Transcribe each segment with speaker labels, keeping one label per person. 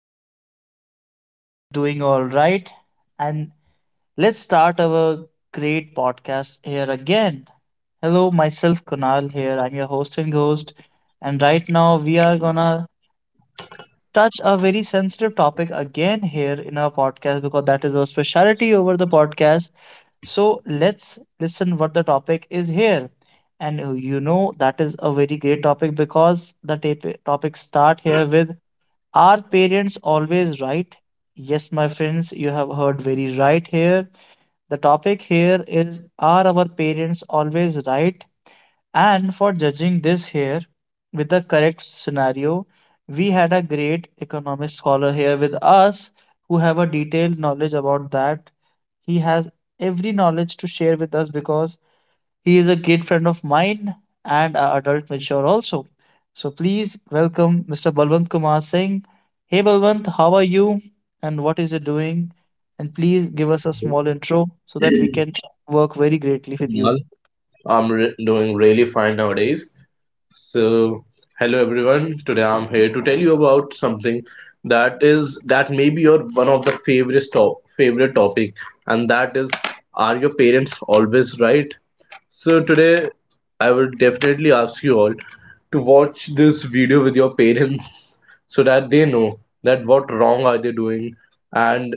Speaker 1: everyone here is doing all right. And let's start our great podcast here again. Hello, myself Kunal here. I'm your host and host. And right now we are gonna touch a very sensitive topic again here in our podcast because that is our specialty over the podcast. So let's listen what the topic is here. And you know that is a very great topic because the topic start here with are parents always right? Yes, my friends, you have heard very right here. The topic here is are our parents always right? And for judging this here with the correct scenario, we had a great economics scholar here with us who have a detailed knowledge about that. He has every knowledge to share with us because he is a great friend of mine and a adult mature also. So please welcome Mr. Balwant Kumar Singh. Hey Balwant, how are you and what is you doing? And please give us a small intro so that we can work very greatly with you.
Speaker 2: Kunal. I'm doing really fine nowadays. So, Hello everyone. Today I'm here to tell you about something that may be your one of the favorite top favorite topic, and that is, are your parents always right? So today, I will definitely ask you all to watch this video with your parents so that they know that what wrong are they doing and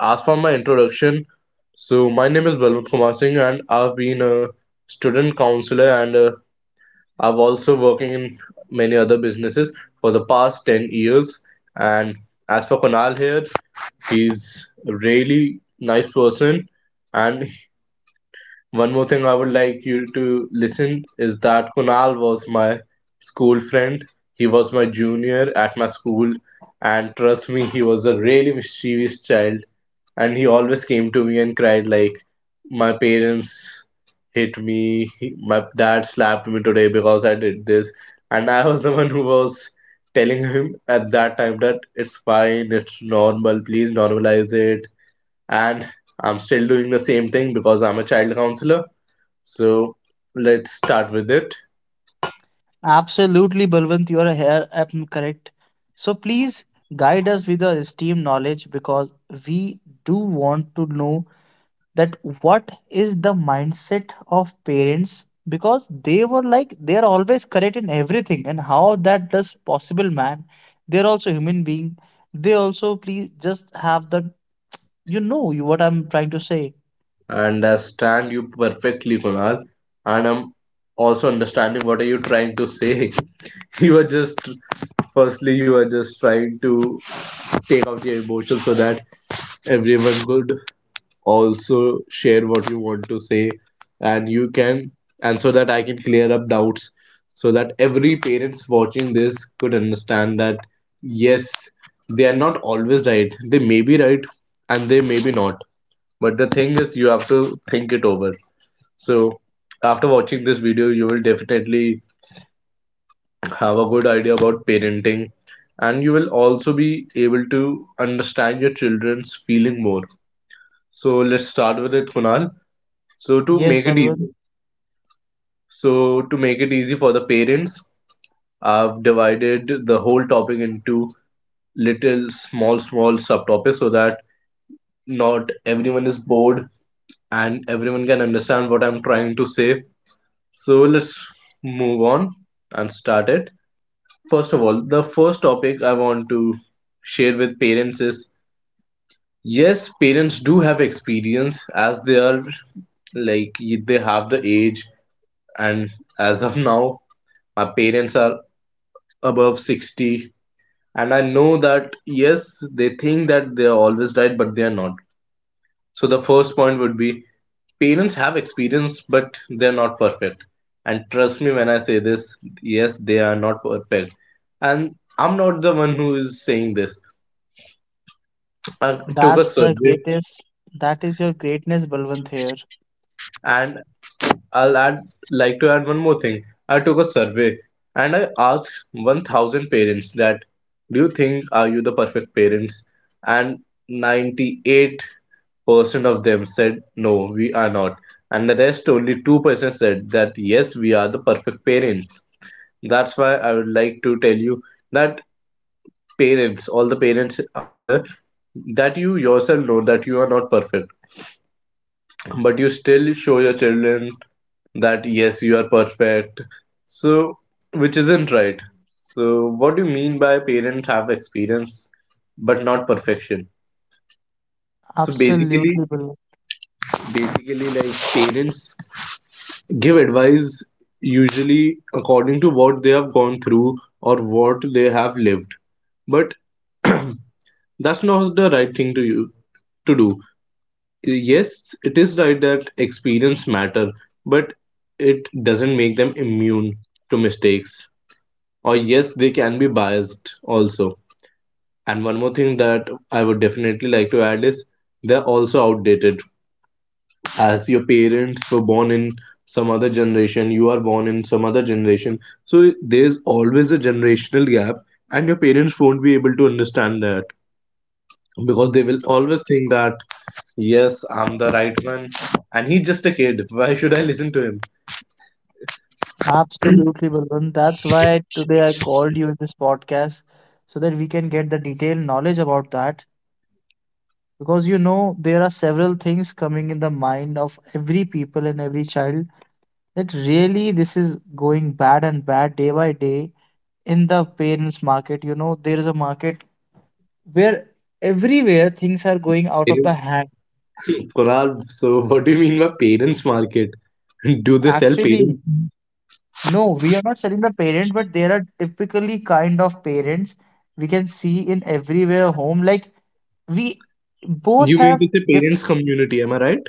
Speaker 2: as for my introduction, so my name is Balwant Kumar Singh, and I've been a student counselor, and I've also working in many other businesses for the past 10 years. And as for Kunal here, he's a really nice person, and one more thing I would like you to listen is that Kunal was my school friend. He was my junior at my school, and trust me, he was a really mischievous child. And he always came to me and cried like, "My parents hit me. My dad slapped me today because I did this." And I was the one who was telling him at that time that it's fine, it's normal. Please normalize it. And I'm still doing the same thing because I'm a child counselor, so let's start with it.
Speaker 1: Absolutely, Balwant, you are here, correct. So please guide us with your esteemed knowledge because we do want to know that what is the mindset of parents because they were like they are always correct in everything and how that does possible, man. They're also human being. They also please just have the you know you what I'm trying to say.
Speaker 2: And I stand you perfectly, Kunal. And I'm also understanding what are you trying to say. you are just firstly you are just trying to take out your emotions so that everyone could also share what you want to say, and you can and so that I can clear up doubts so that every parents watching this could understand that yes, they are not always right, they may be right, and they may be not. But the thing is, you have to think it over. So, after watching this video, you will definitely have a good idea about parenting, and you will also be able to understand your children's feeling more. So, let's start with it, Kunal. So, to
Speaker 1: Yes,
Speaker 2: make it
Speaker 1: Balwant.
Speaker 2: easy, so to make it easy for the parents, I've divided the whole topic into little small, small subtopics so that not everyone is bored and everyone can understand what I'm trying to say. So let's move on and start it. First of all, the first topic I want to share with parents is yes, parents do have experience as they are, like, they have the age, and as of now, my parents are above 60, and I know that yes, they think that they are always right, but they are not. So the first point would be: parents have experience, but they're not perfect. And trust me when I say this, yes, they are not perfect. And I'm not the one who is saying this. I took a
Speaker 1: That's the
Speaker 2: survey,
Speaker 1: greatest. That is your greatness, Balwant here.
Speaker 2: and I'll add like to add one more thing. I took a survey and I asked 1,000 parents that, do you think are you the perfect parents? And 98% of them said no, we are not, and the rest, only 2% said that yes, we are the perfect parents. That's why I would like to tell you that parents, all the parents out there, that you yourself know that you are not perfect, but you still show your children that yes, you are perfect. So, which isn't right. So, what do you mean by parents have experience but not perfection? So basically,
Speaker 1: Absolutely, Balwant.
Speaker 2: basically, like parents give advice usually according to what they have gone through or what they have lived. But that's not the right thing to you to do Yes, it is right that experience matter, but it doesn't make them immune to mistakes, or yes, they can be biased also. And one more thing that I would definitely like to add is they're also outdated. As your parents were born in some other generation, you are born in some other generation, so there's always a generational gap, and your parents won't be able to understand that because they will always think that yes, I'm the right one. And he's just a kid. Why should I listen to him?
Speaker 1: Absolutely, Balwant. That's why today I called you in this podcast so that we can get the detailed knowledge about that. Because you know, there are several things coming in the mind of every people and every child that really this is going bad and bad day by day in the parents market, you know there is a market where everywhere things are going out of the
Speaker 2: Parents,
Speaker 1: hand.
Speaker 2: Kunal, so what do you mean by parents market? Do they sell
Speaker 1: Actually,
Speaker 2: parents?
Speaker 1: no, we are not selling the parent, but there are typically kind of parents we can see in everywhere home. Like we both
Speaker 2: You mean
Speaker 1: have
Speaker 2: to say
Speaker 1: different,
Speaker 2: parents community, am I right?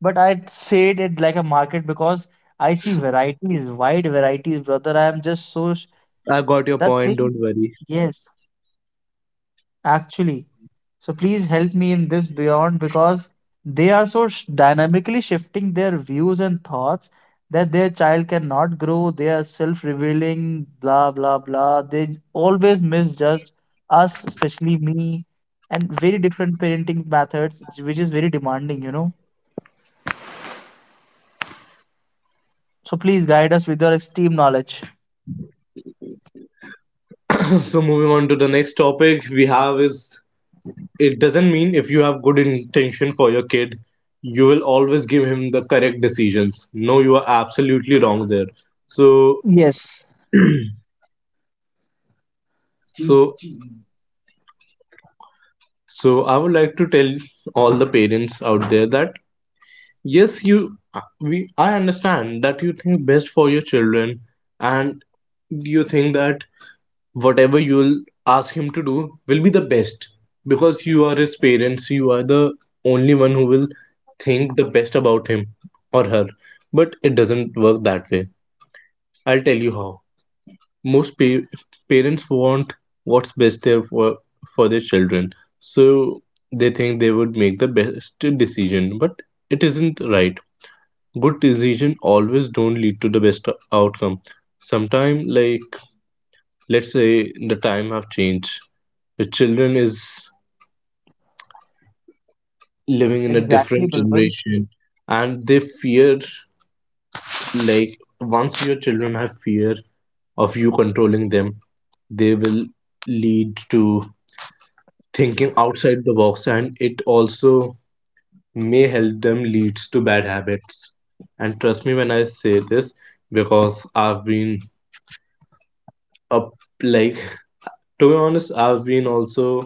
Speaker 1: but I'd say it like a market because I see varieties, wide varieties, brother. I am just so
Speaker 2: I got your
Speaker 1: that
Speaker 2: point,
Speaker 1: thing.
Speaker 2: don't worry.
Speaker 1: Yes. Actually, so please help me in this beyond because they are so dynamically shifting their views and thoughts that their child cannot grow, they are self-revealing, blah blah blah. They always misjudge us, especially me, and very different parenting methods, which is very demanding, you know. So please guide us with your esteemed knowledge.
Speaker 2: So moving on to the next topic we have is it doesn't mean if you have good intention for your kid, you will always give him the correct decisions. No, you are absolutely wrong there. So
Speaker 1: Yes,
Speaker 2: so so I would like to tell all the parents out there that yes, you we I understand that you think best for your children, and you think that whatever you'll ask him to do will be the best because you are his parents, you are the only one who will think the best about him or her, but it doesn't work that way. I'll tell you how. most pa- Parents want what's best there for their children, so they think they would make the best decision, but it isn't right. Good decision always don't lead to the best outcome. Sometime, like, let's say the time have changed, the children is living in a
Speaker 1: exactly,
Speaker 2: different
Speaker 1: Bilwal.
Speaker 2: generation, and they fear, like, once your children have fear of you controlling them, they will lead to thinking outside the box, and it also may help them leads to bad habits. And trust me when I say this, because I've been up like to be honest, I've been also,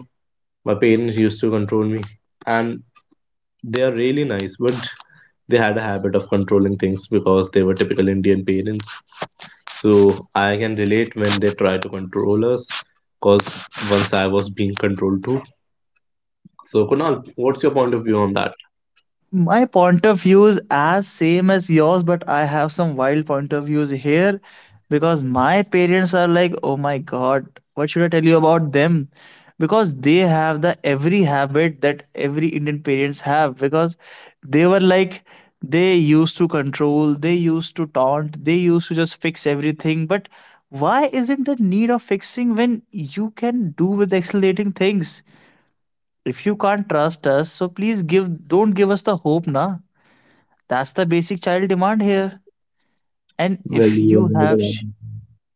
Speaker 2: my parents used to control me, and they are really nice, but they had a habit of controlling things because they were typical Indian parents. So I can relate when they try to control us, because once I was being controlled too. So, Kunal, what's your point of view on that?
Speaker 1: My point of views as same as yours, but I have some wild point of views here because my parents are like, oh my God, what should I tell you about them? Because they have the every habit that every Indian parents have because they were like they used to control, they used to taunt, they used to just fix everything. But why isn't the need of fixing when you can do with accelerating things? If you can't trust us, so please give don't give us the hope, na. That's the basic child demand here. And
Speaker 2: Well,
Speaker 1: if
Speaker 2: you are
Speaker 1: you
Speaker 2: right
Speaker 1: have
Speaker 2: about that.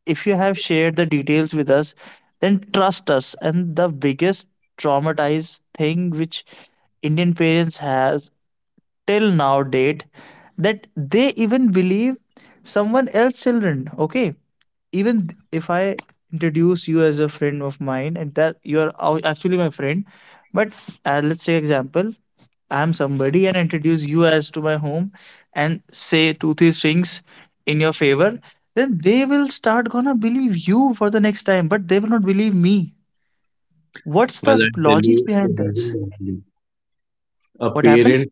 Speaker 1: if you have shared the details with us, then trust us. And the biggest traumatized thing which Indian parents has till now date that they even believe someone else children, okay, even if I introduce you as a friend of mine and that you are actually my friend, but let's say example I am somebody and introduce you as to my home and say two three things in your favor, then they will start gonna believe you for the next time but they will not believe me. What's
Speaker 2: Well,
Speaker 1: the
Speaker 2: I'll tell
Speaker 1: logic
Speaker 2: you the
Speaker 1: behind
Speaker 2: reason
Speaker 1: this?
Speaker 2: why. A
Speaker 1: What happened?
Speaker 2: parent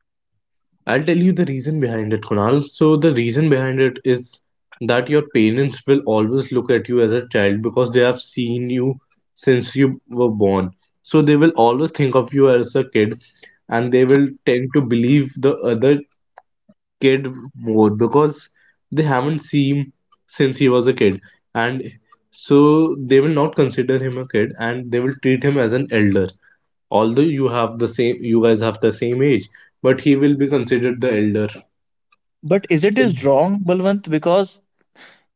Speaker 2: I'll tell you the reason behind it, Kunal. So, the reason behind it is that your parents will always look at you as a child because they have seen you since you were born. So, they will always think of you as a kid, and they will tend to believe the other kid more because they haven't seen him since he was a kid. And so, they will not consider him a kid and they will treat him as an elder. Although you have the same, you guys have the same age, but he will be considered the elder.
Speaker 1: But is it is wrong, Balwant, because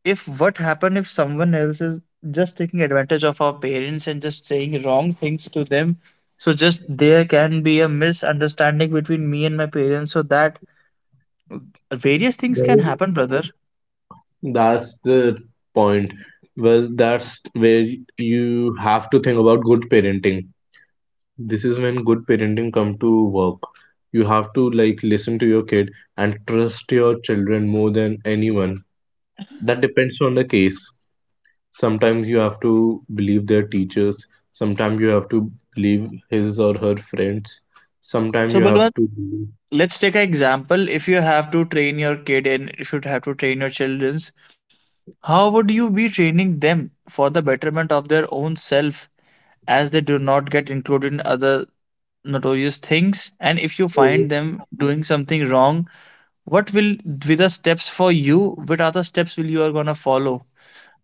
Speaker 1: if what happened if someone else is just taking advantage of our parents and just saying wrong things to them, so just there can be a misunderstanding between me and my parents so that various things can
Speaker 2: Well,
Speaker 1: happen, brother.
Speaker 2: that's the point. Well, that's where you have to think about good parenting. This is when good parenting come to work. You have to, like, listen to your kid and trust your children more than anyone. That depends on the case. Sometimes you have to believe their teachers. Sometimes you have to believe his or her friends. Sometimes
Speaker 1: So
Speaker 2: you have
Speaker 1: Balwant,
Speaker 2: to
Speaker 1: let's take an example if you have to train your kid and if you have to train your children's, how would you be training them for the betterment of their own self as they do not get included in other notorious things? And if you find them doing something wrong, what will be the steps for you? What are the steps will you are gonna follow?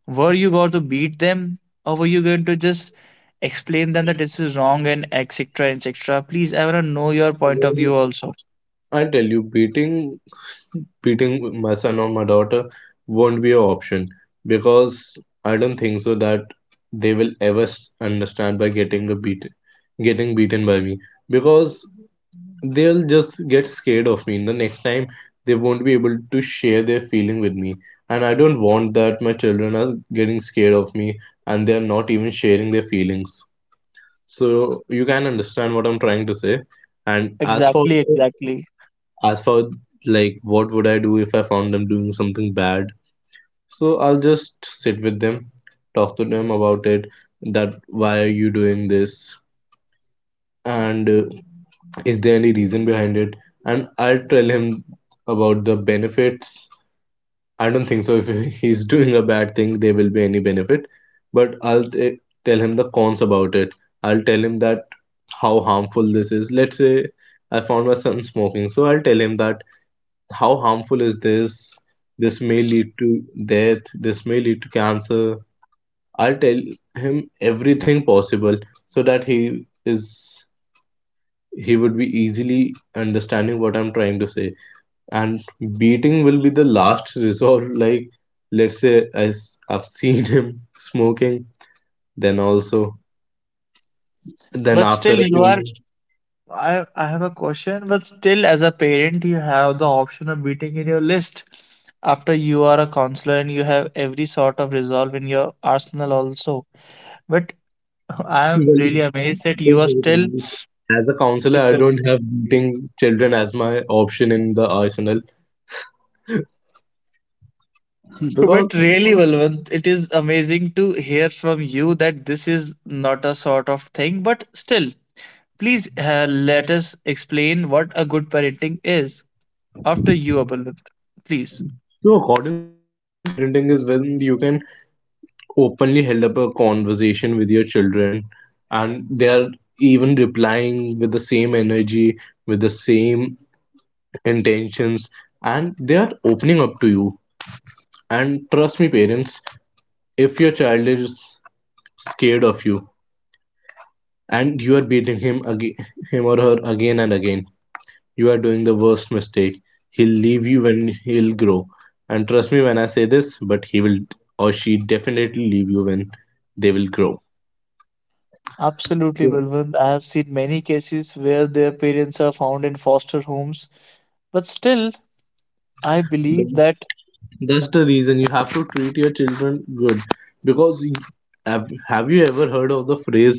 Speaker 1: Were you going to beat them or were you going to just explain them that this is wrong and etc etc? Please, I want to know your point of view
Speaker 2: believe
Speaker 1: also.
Speaker 2: I tell you, beating beating my son or my daughter won't be an option because I don't think so that they will ever understand by getting a beat, getting beaten by me, because they'll just get scared of me. The next time they won't be able to share their feeling with me, and I don't want that my children are getting scared of me and they're not even sharing their feelings. So you can understand what I'm trying to say. And as for
Speaker 1: Exactly, exactly.
Speaker 2: as for like what would I do if I found them doing something bad? So I'll just sit with them, talk to them about it. That why are you doing this? And is there any reason behind it? And I'll tell him about the benefits. I don't think so. If he's doing a bad thing, there will be any benefit. But I'll tell him the cons about it. I'll tell him that how harmful this is. Let's say I found my son smoking, so I'll tell him that how harmful is this, this may lead to death, this may lead to cancer. I'll tell him everything possible so that he would be easily understanding what I'm trying to say. And beating will be the last resort. Like, let's say I've seen him smoking, then also, then
Speaker 1: But
Speaker 2: after
Speaker 1: still
Speaker 2: a
Speaker 1: you
Speaker 2: few
Speaker 1: are,
Speaker 2: months
Speaker 1: I have a question. But still as a parent you have the option of beating in your list, after you are a counselor and you have every sort of resolve in your arsenal also. But I am really amazed that you are still
Speaker 2: as a counselor, I
Speaker 1: with.
Speaker 2: don't have beating children as my option in the arsenal. Because,
Speaker 1: But really, Balwant, it is amazing to hear from you that this is not a sort of thing. But still, please let us explain what a good parenting is after you, Balwant. Please.
Speaker 2: so according to me, a good parenting is when you can openly held up a conversation with your children and they are even replying with the same energy, with the same intentions, and they are opening up to you. And trust me, parents, if your child is scared of you and you are beating him again, him or her again and again, you are doing the worst mistake. He'll leave you when he'll grow. And trust me when I say this, but he will or she definitely leave you when they will grow.
Speaker 1: Absolutely,
Speaker 2: So,
Speaker 1: Balwant. I have seen many cases where their parents are found in foster homes. But still, I believe
Speaker 2: tha-
Speaker 1: that
Speaker 2: that's the reason you have to treat your children good. Because you- have you ever heard of the phrase,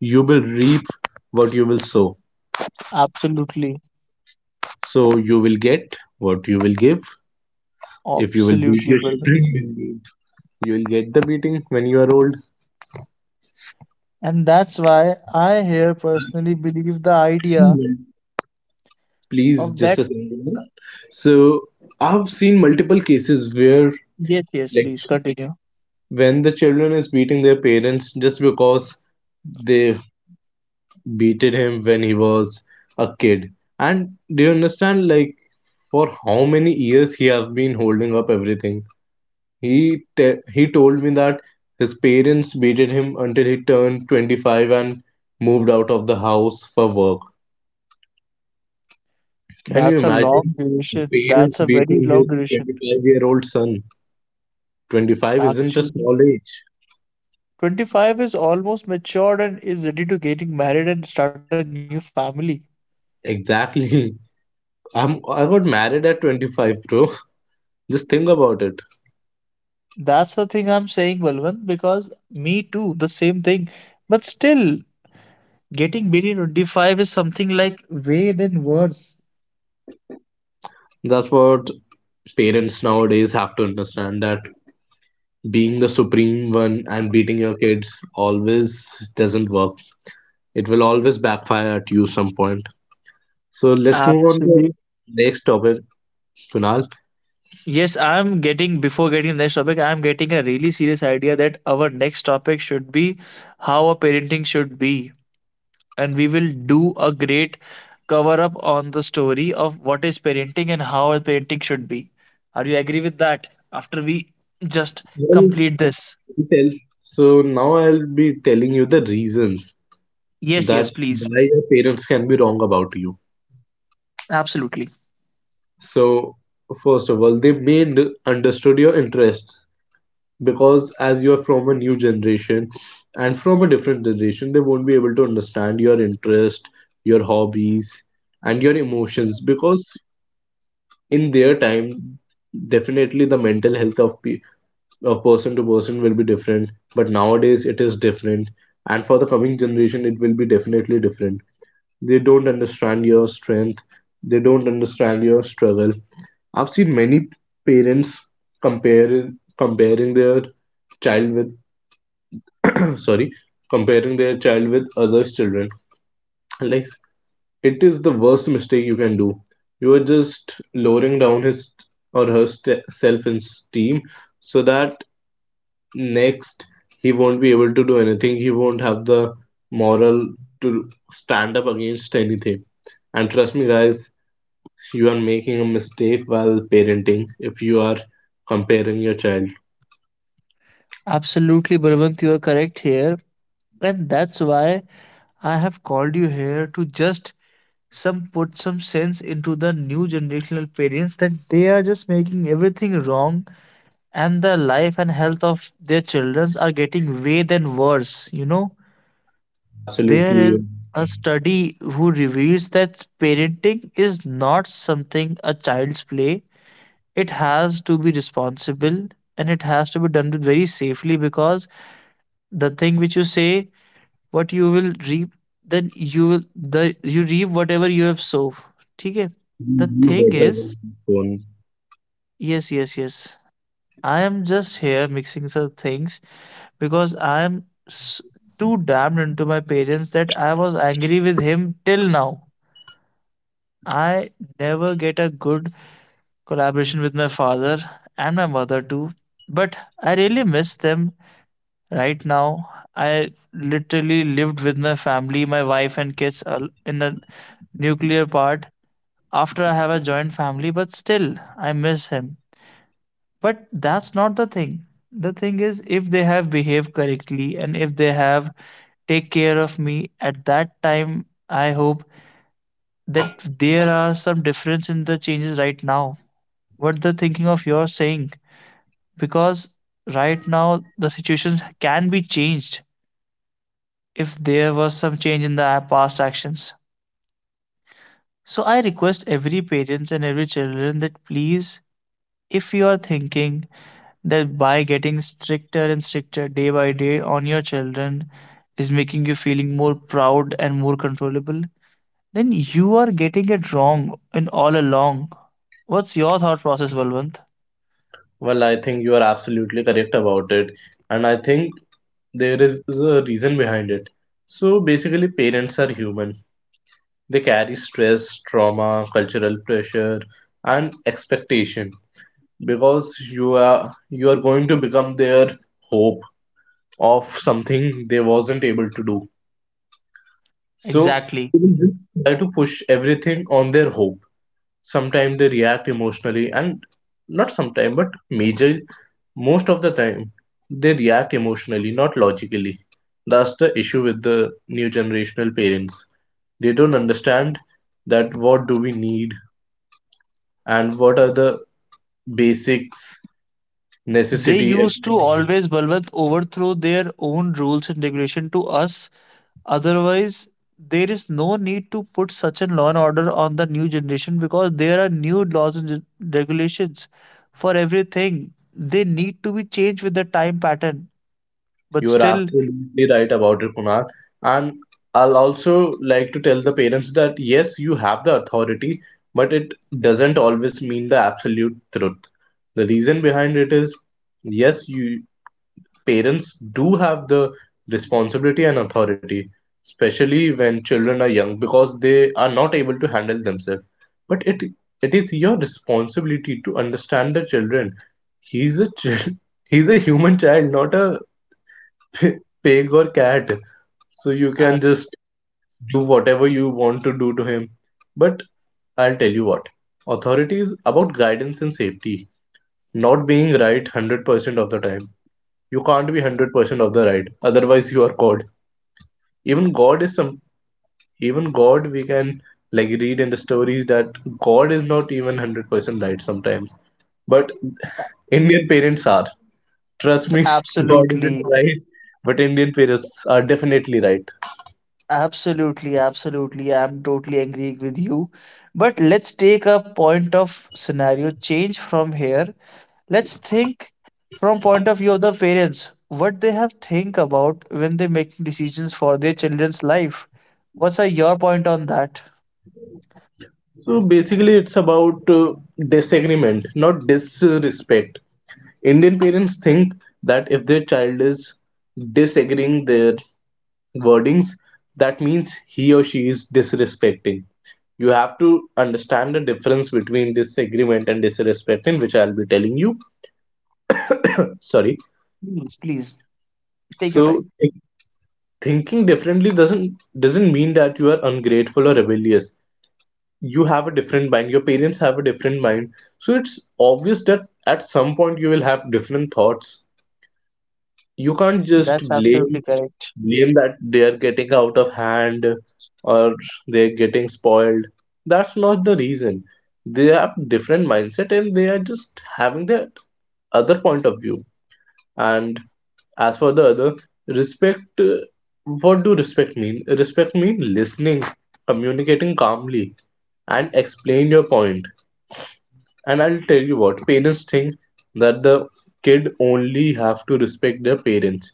Speaker 2: you will reap what you will sow?
Speaker 1: absolutely,
Speaker 2: So you will get what you will give. If you will beat
Speaker 1: absolutely,
Speaker 2: your
Speaker 1: Balwant.
Speaker 2: children, you will get the beating when you are old.
Speaker 1: And that's why I here personally believe the idea
Speaker 2: Please
Speaker 1: of
Speaker 2: just
Speaker 1: that.
Speaker 2: a second. So I've seen multiple cases where
Speaker 1: Yes, yes,
Speaker 2: like
Speaker 1: please continue.
Speaker 2: when the children is beating their parents just because they beated him when he was a kid. And do you understand, like, for how many years he has been holding up everything? He told me that his parents beated him until he turned 25 and moved out of the house for work. Can you
Speaker 1: That's a long
Speaker 2: imagine the
Speaker 1: duration. That's
Speaker 2: parents
Speaker 1: a very
Speaker 2: beating
Speaker 1: long
Speaker 2: his
Speaker 1: duration.
Speaker 2: 25-year-old son? 25 isn't a
Speaker 1: Actually,
Speaker 2: small age.
Speaker 1: 25 is almost matured and is ready to getting married and start a new family.
Speaker 2: Exactly. I got married at 25, bro. Just think about it.
Speaker 1: That's the thing I'm saying, Balwant, because me too, the same thing. But still, getting married at 25 is something like way then worse.
Speaker 2: That's what parents nowadays have to understand, that being the supreme one and beating your kids always doesn't work. It will always backfire at you some point. So let's move on to
Speaker 1: Absolutely.
Speaker 2: next topic, Kunal.
Speaker 1: Yes, I'm getting, before getting the next topic, I'm getting a really serious idea that our next topic should be how a parenting should be. And we will do a great cover up on the story of what is parenting and how our parenting should be. Are you agree with that? After we just
Speaker 2: Well,
Speaker 1: complete this.
Speaker 2: tell. So now I'll be telling you the reasons
Speaker 1: Yes, yes,
Speaker 2: that
Speaker 1: please.
Speaker 2: why your parents can be wrong about you.
Speaker 1: Absolutely.
Speaker 2: So, first of all, they may understood your interests because as you are from a new generation and from a different generation, they won't be able to understand your interest, your hobbies, and your emotions because in their time, definitely the mental health of of person to person will be different. But nowadays, it is different, and for the coming generation, it will be definitely different. They don't understand your strength. They don't understand your struggle. I've seen many parents comparing their child with sorry, comparing their child with other children. Like, it is the worst mistake you can do. You are just lowering down his or her self esteem so that next he won't be able to do anything. He won't have the moral to stand up against anything. And trust me, guys, you are making a mistake while parenting if you are comparing your child.
Speaker 1: Absolutely, Bravant, you are correct here. And that's why I have called you here to just some put some sense into the new generational parents that they are just making everything wrong and the life and health of their children are getting way then worse, you know? There
Speaker 2: Absolutely,
Speaker 1: is
Speaker 2: you
Speaker 1: a study who reveals that parenting is not something a child's play. It has to be responsible and it has to be done with very safely because the thing which you say, what you will reap, then you will the you reap whatever you have sown. Okay. The
Speaker 2: you
Speaker 1: thing, yeah,
Speaker 2: better
Speaker 1: is,
Speaker 2: phone.
Speaker 1: yes, yes, yes. I am just here mixing some things because I am too damned into my parents that I was angry with him till now. I never get a good collaboration with my father and my mother too, but I really miss them right now. I literally lived with my family, my wife and kids in a nuclear part after I have a joint family, but still I miss him. But that's not the thing. The thing is if they have behaved correctly and if they have take care of me at that time, I hope that there are some difference in the changes right now what they're thinking of your saying, because right now the situations can be changed if there was some change in the past actions. So I request every parents and every children that please, if you are thinking that by getting stricter and stricter day by day on your children is making you feeling more proud and more controllable, then you are getting it wrong in all along. What's your thought process, Balwant?
Speaker 2: Well, I think you are absolutely correct about it, and I think there is a reason behind it. So basically, parents are human. They carry stress, trauma, cultural pressure, and expectation because you are you are going to become their hope of something they wasn't able to do. So
Speaker 1: Exactly.
Speaker 2: try to push everything on their hope. Sometimes they react emotionally, and not sometimes, but major, most of the time, they react emotionally, not logically. That's the issue with the new generational parents. They don't understand that what do we need and what are the basics
Speaker 1: They
Speaker 2: necessity.
Speaker 1: used to always, Balwant, overthrow their own rules and regulation to us. Otherwise, there is no need to put such a law and order on the new generation because there are new laws and regulations for everything. They need to be changed with the time pattern. But
Speaker 2: You are
Speaker 1: still,
Speaker 2: absolutely right about it, Kunal. And I'll also like to tell the parents that yes, you have the authority, but it doesn't always mean the absolute truth. The reason behind it is yes, you parents do have the responsibility and authority, especially when children are young, because they are not able to handle themselves. But it is your responsibility to understand the children. He's a chil- he's a human child, not a p- pig or cat. So you
Speaker 1: Uh,
Speaker 2: can just do whatever you want to do to him. But I'll tell you what, authority is about guidance and safety, not being right 100% of the time. You can't be 100% of the right, otherwise you are caught. Even god is some, even god we can, like, read in the stories that god is not even 100% right sometimes. But Indian parents are, trust me, god isn't
Speaker 1: absolutely.
Speaker 2: right, but Indian parents are definitely right.
Speaker 1: Absolutely, absolutely. I'm totally agreeing with you. But let's take a point of scenario change from here. Let's think from point of view of the parents, what they have think about when they make decisions for their children's life. What's your point on that?
Speaker 2: So basically it's about disagreement, not disrespect. Indian parents think that if their child is disagreeing their wordings, that means he or she is disrespecting. You have to understand the difference between disagreement and disrespecting, which I'll be telling you. Sorry.
Speaker 1: Please, please take your time.
Speaker 2: So thinking differently doesn't mean that you are ungrateful or rebellious. You have a different mind. Your parents have a different mind. So it's obvious that at some point you will have different thoughts. You can't just
Speaker 1: That's absolutely correct.
Speaker 2: blame that they're getting out of hand or they're getting spoiled. That's not the reason. They have different mindset and they are just having that other point of view. And as for the other, respect. What do respect mean? Respect mean listening, communicating calmly, and explain your point. And I'll tell you what parents think, that the kid only have to respect their parents.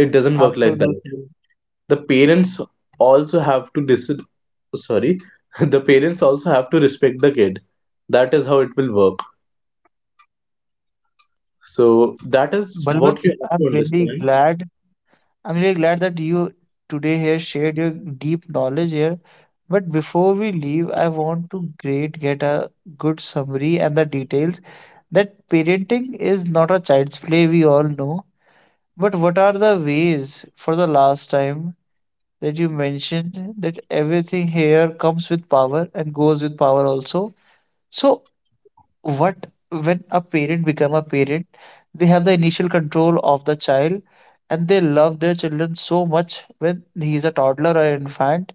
Speaker 2: It doesn't work like that.
Speaker 1: Absolutely.
Speaker 2: The parents also have to dis. Sorry. The parents also have to respect the kid. That is how it will work. So that is
Speaker 1: Balwant,
Speaker 2: what you have
Speaker 1: I'm
Speaker 2: to
Speaker 1: really
Speaker 2: understand.
Speaker 1: glad, I'm really glad that you today here shared your deep knowledge here. But before we leave, I want to great get a good summary and the details that parenting is not a child's play, we all know. But what are the ways for the last time that you mentioned that everything here comes with power and goes with power also? So what when a parent become a parent, they have the initial control of the child and they love their children so much when he is a toddler or infant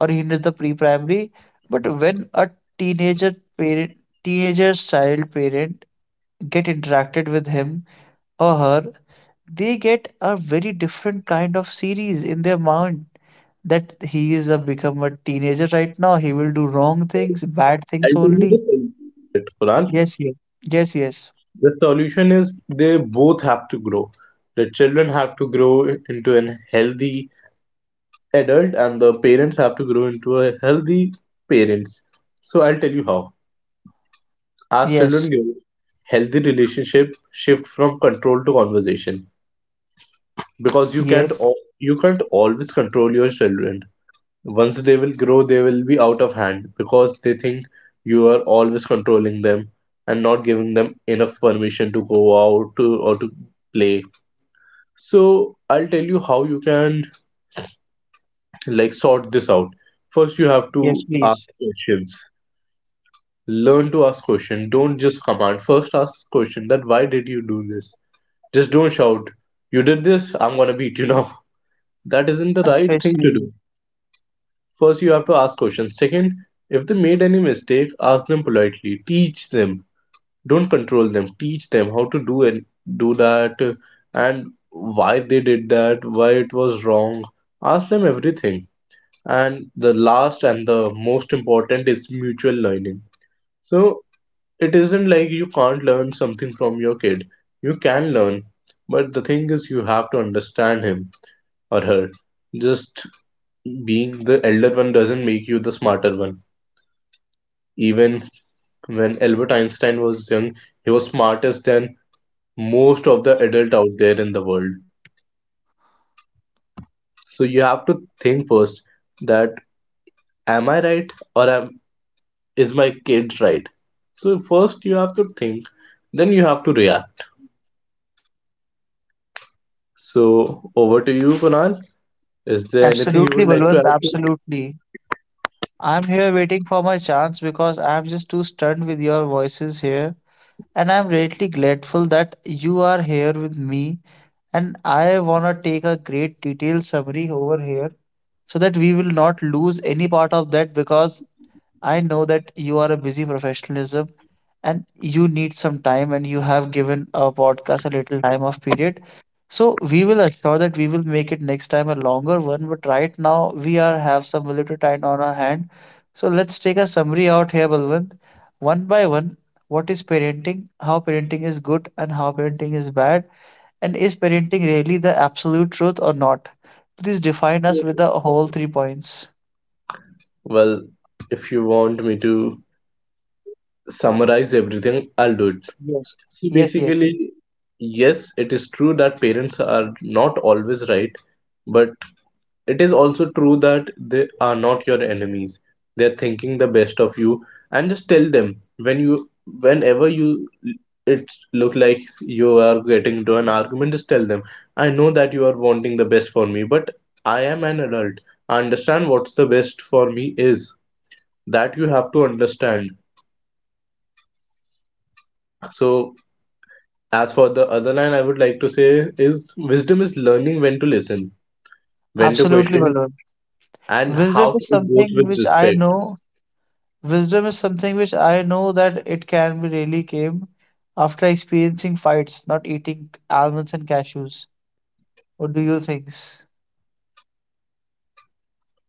Speaker 1: or he is the pre-primary. But when a teenager parent, teenager's child parent get interacted with him or her, they get a very different kind of series in their mind that he is a become a teenager right now, he will do wrong things, bad things
Speaker 2: I'll tell you the
Speaker 1: only.
Speaker 2: solution to it, Kunal.
Speaker 1: Yes, yes, yes, yes,
Speaker 2: The solution is they both have to grow. The children have to grow into an healthy adult, and the parents have to grow into a healthy parents. So I'll tell you how. As
Speaker 1: yes.
Speaker 2: children grow, healthy relationship shift from control to conversation, because
Speaker 1: Yes,
Speaker 2: you can't always control your children. Once they will grow they will be out of hand because they think you are always controlling them and not giving them enough permission to go out to or to play. So I'll tell you how you can, like, sort this out. First you have
Speaker 1: yes,
Speaker 2: to ask
Speaker 1: please.
Speaker 2: questions. Learn to ask questions. Don't just command. First ask question that why did you do this. Just don't shout, you did this, I'm gonna beat you now. That isn't the right thing to do.
Speaker 1: Especially,
Speaker 2: First, you have to ask questions. Second, if they made any mistake, ask them politely. Teach them. Don't control them. Teach them how to do and do that, and why they did that, why it was wrong. Ask them everything. And the last and the most important is mutual learning. So it isn't like you can't learn something from your kid. You can learn, but the thing is, you have to understand him or her. Just being the elder one doesn't make you the smarter one. Even when Albert Einstein was young, he was smarter than most of the adult out there in the world. So you have to think first that am I right or am is my kid right? So first you have to think, then you have to react. So over to you, Kunal. Is there anything you would like to
Speaker 1: absolutely,
Speaker 2: add to?
Speaker 1: Balwant, absolutely. I'm here waiting for my chance because I'm just too stunned with your voices here. And I'm greatly grateful that you are here with me. And I want to take a great detailed summary over here so that we will not lose any part of that because I know that you are a busy professionalism and you need some time and you have given a podcast a little time off period. So we will assure that we will make it next time a longer one, but right now we are have some little time on our hand. So let's take a summary out here, Balwant. One by one, what is parenting, how parenting is good and how parenting is bad, and is parenting really the absolute truth or not? Please define us with the whole three points.
Speaker 2: Well, if you want me to summarize everything, I'll do it.
Speaker 1: Yes.
Speaker 2: See,
Speaker 1: Yes, yes.
Speaker 2: basically, yes, it is true that parents are not always right, but it is also true that they are not your enemies. They are thinking the best of you, and just tell them whenever it look like you are getting into an argument. Just tell them, I know that you are wanting the best for me, but I am an adult. I understand what's the best for me is. That you have to understand. So, as for the other line, I would like to say is wisdom is learning when to listen, when to
Speaker 1: Absolutely,
Speaker 2: question,
Speaker 1: Balwant.
Speaker 2: and
Speaker 1: Wisdom
Speaker 2: how to
Speaker 1: is
Speaker 2: do both
Speaker 1: something
Speaker 2: with
Speaker 1: which I
Speaker 2: respect.
Speaker 1: know. Wisdom is something which I know that it can be really came after experiencing fights, not eating almonds and cashews. What do you think?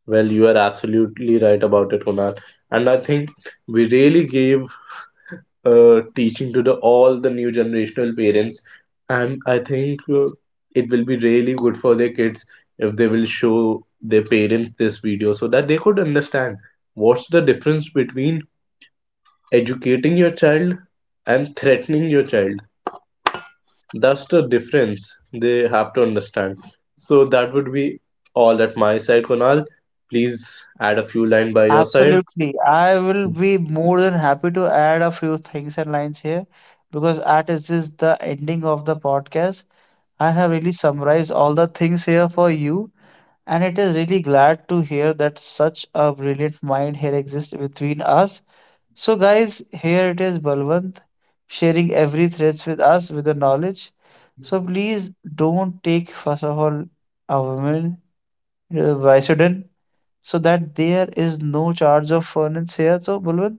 Speaker 2: Well, you are absolutely right about it, Kunal. And I think we really gave teaching to the all the new generational parents, and I think it will be really good for their kids if they will show their parents this video so that they could understand what's the difference between educating your child and threatening your child. That's the difference they have to understand. So that would be all at my side, Kunal. Please add a few line by your side.
Speaker 1: Absolutely. I will be more than happy to add a few things and lines here because that is just the ending of the podcast. I have really summarized all the things here for you, and it is really glad to hear that such a brilliant mind here exists between us. So, guys, here it is Balwant sharing every threads with us with the knowledge. So, please don't take, first of all, a woman Vicodin so that there is no charge of furnace here. So, Balwant,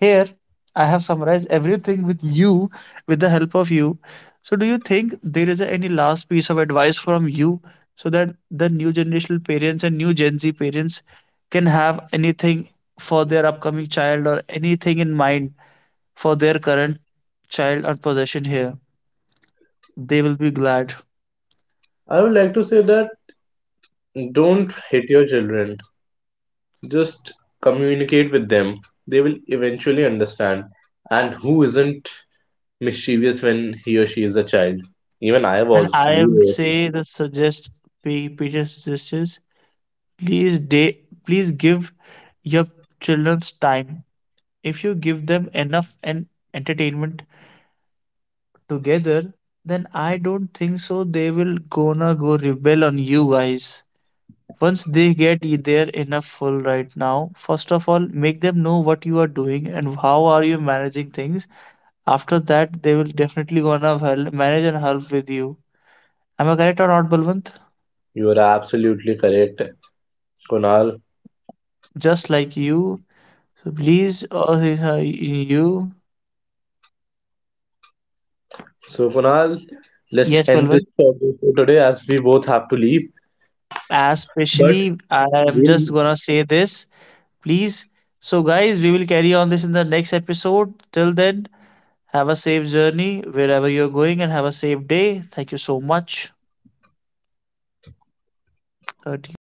Speaker 1: here I have summarized everything with you, with the help of you. So, do you think there is any last piece of advice from you so that the new generational parents and new Gen Z parents can have anything for their upcoming child or anything in mind? For their current child or possession here. They will be glad.
Speaker 2: I would like to say that don't hit your children. Just communicate with them. They will eventually understand. And who isn't mischievous when he or she is a child? Even I
Speaker 1: And
Speaker 2: was.
Speaker 1: I
Speaker 2: You
Speaker 1: would
Speaker 2: were.
Speaker 1: say the suggest Peter suggests please day, please give your children's time. If you give them enough and entertainment together, then I don't think so they will gonna go rebel on you guys. Once they get their enough full right now, first of all, make them know what you are doing and how are you managing things. After that, they will definitely gonna help, manage and help with you. Am I correct or not, Balwant?
Speaker 2: You are absolutely correct, Kunal.
Speaker 1: Just like you. So please, you.
Speaker 2: So, Kunal, let's
Speaker 1: Yes,
Speaker 2: end this
Speaker 1: Balwant.
Speaker 2: podcast for today as we both have to leave. But
Speaker 1: Especially, I am just
Speaker 2: we'll
Speaker 1: gonna say this. Please. So, guys, we will carry on this in the next episode. Till then, have a safe journey wherever you're going and have a safe day. Thank you so much. 30.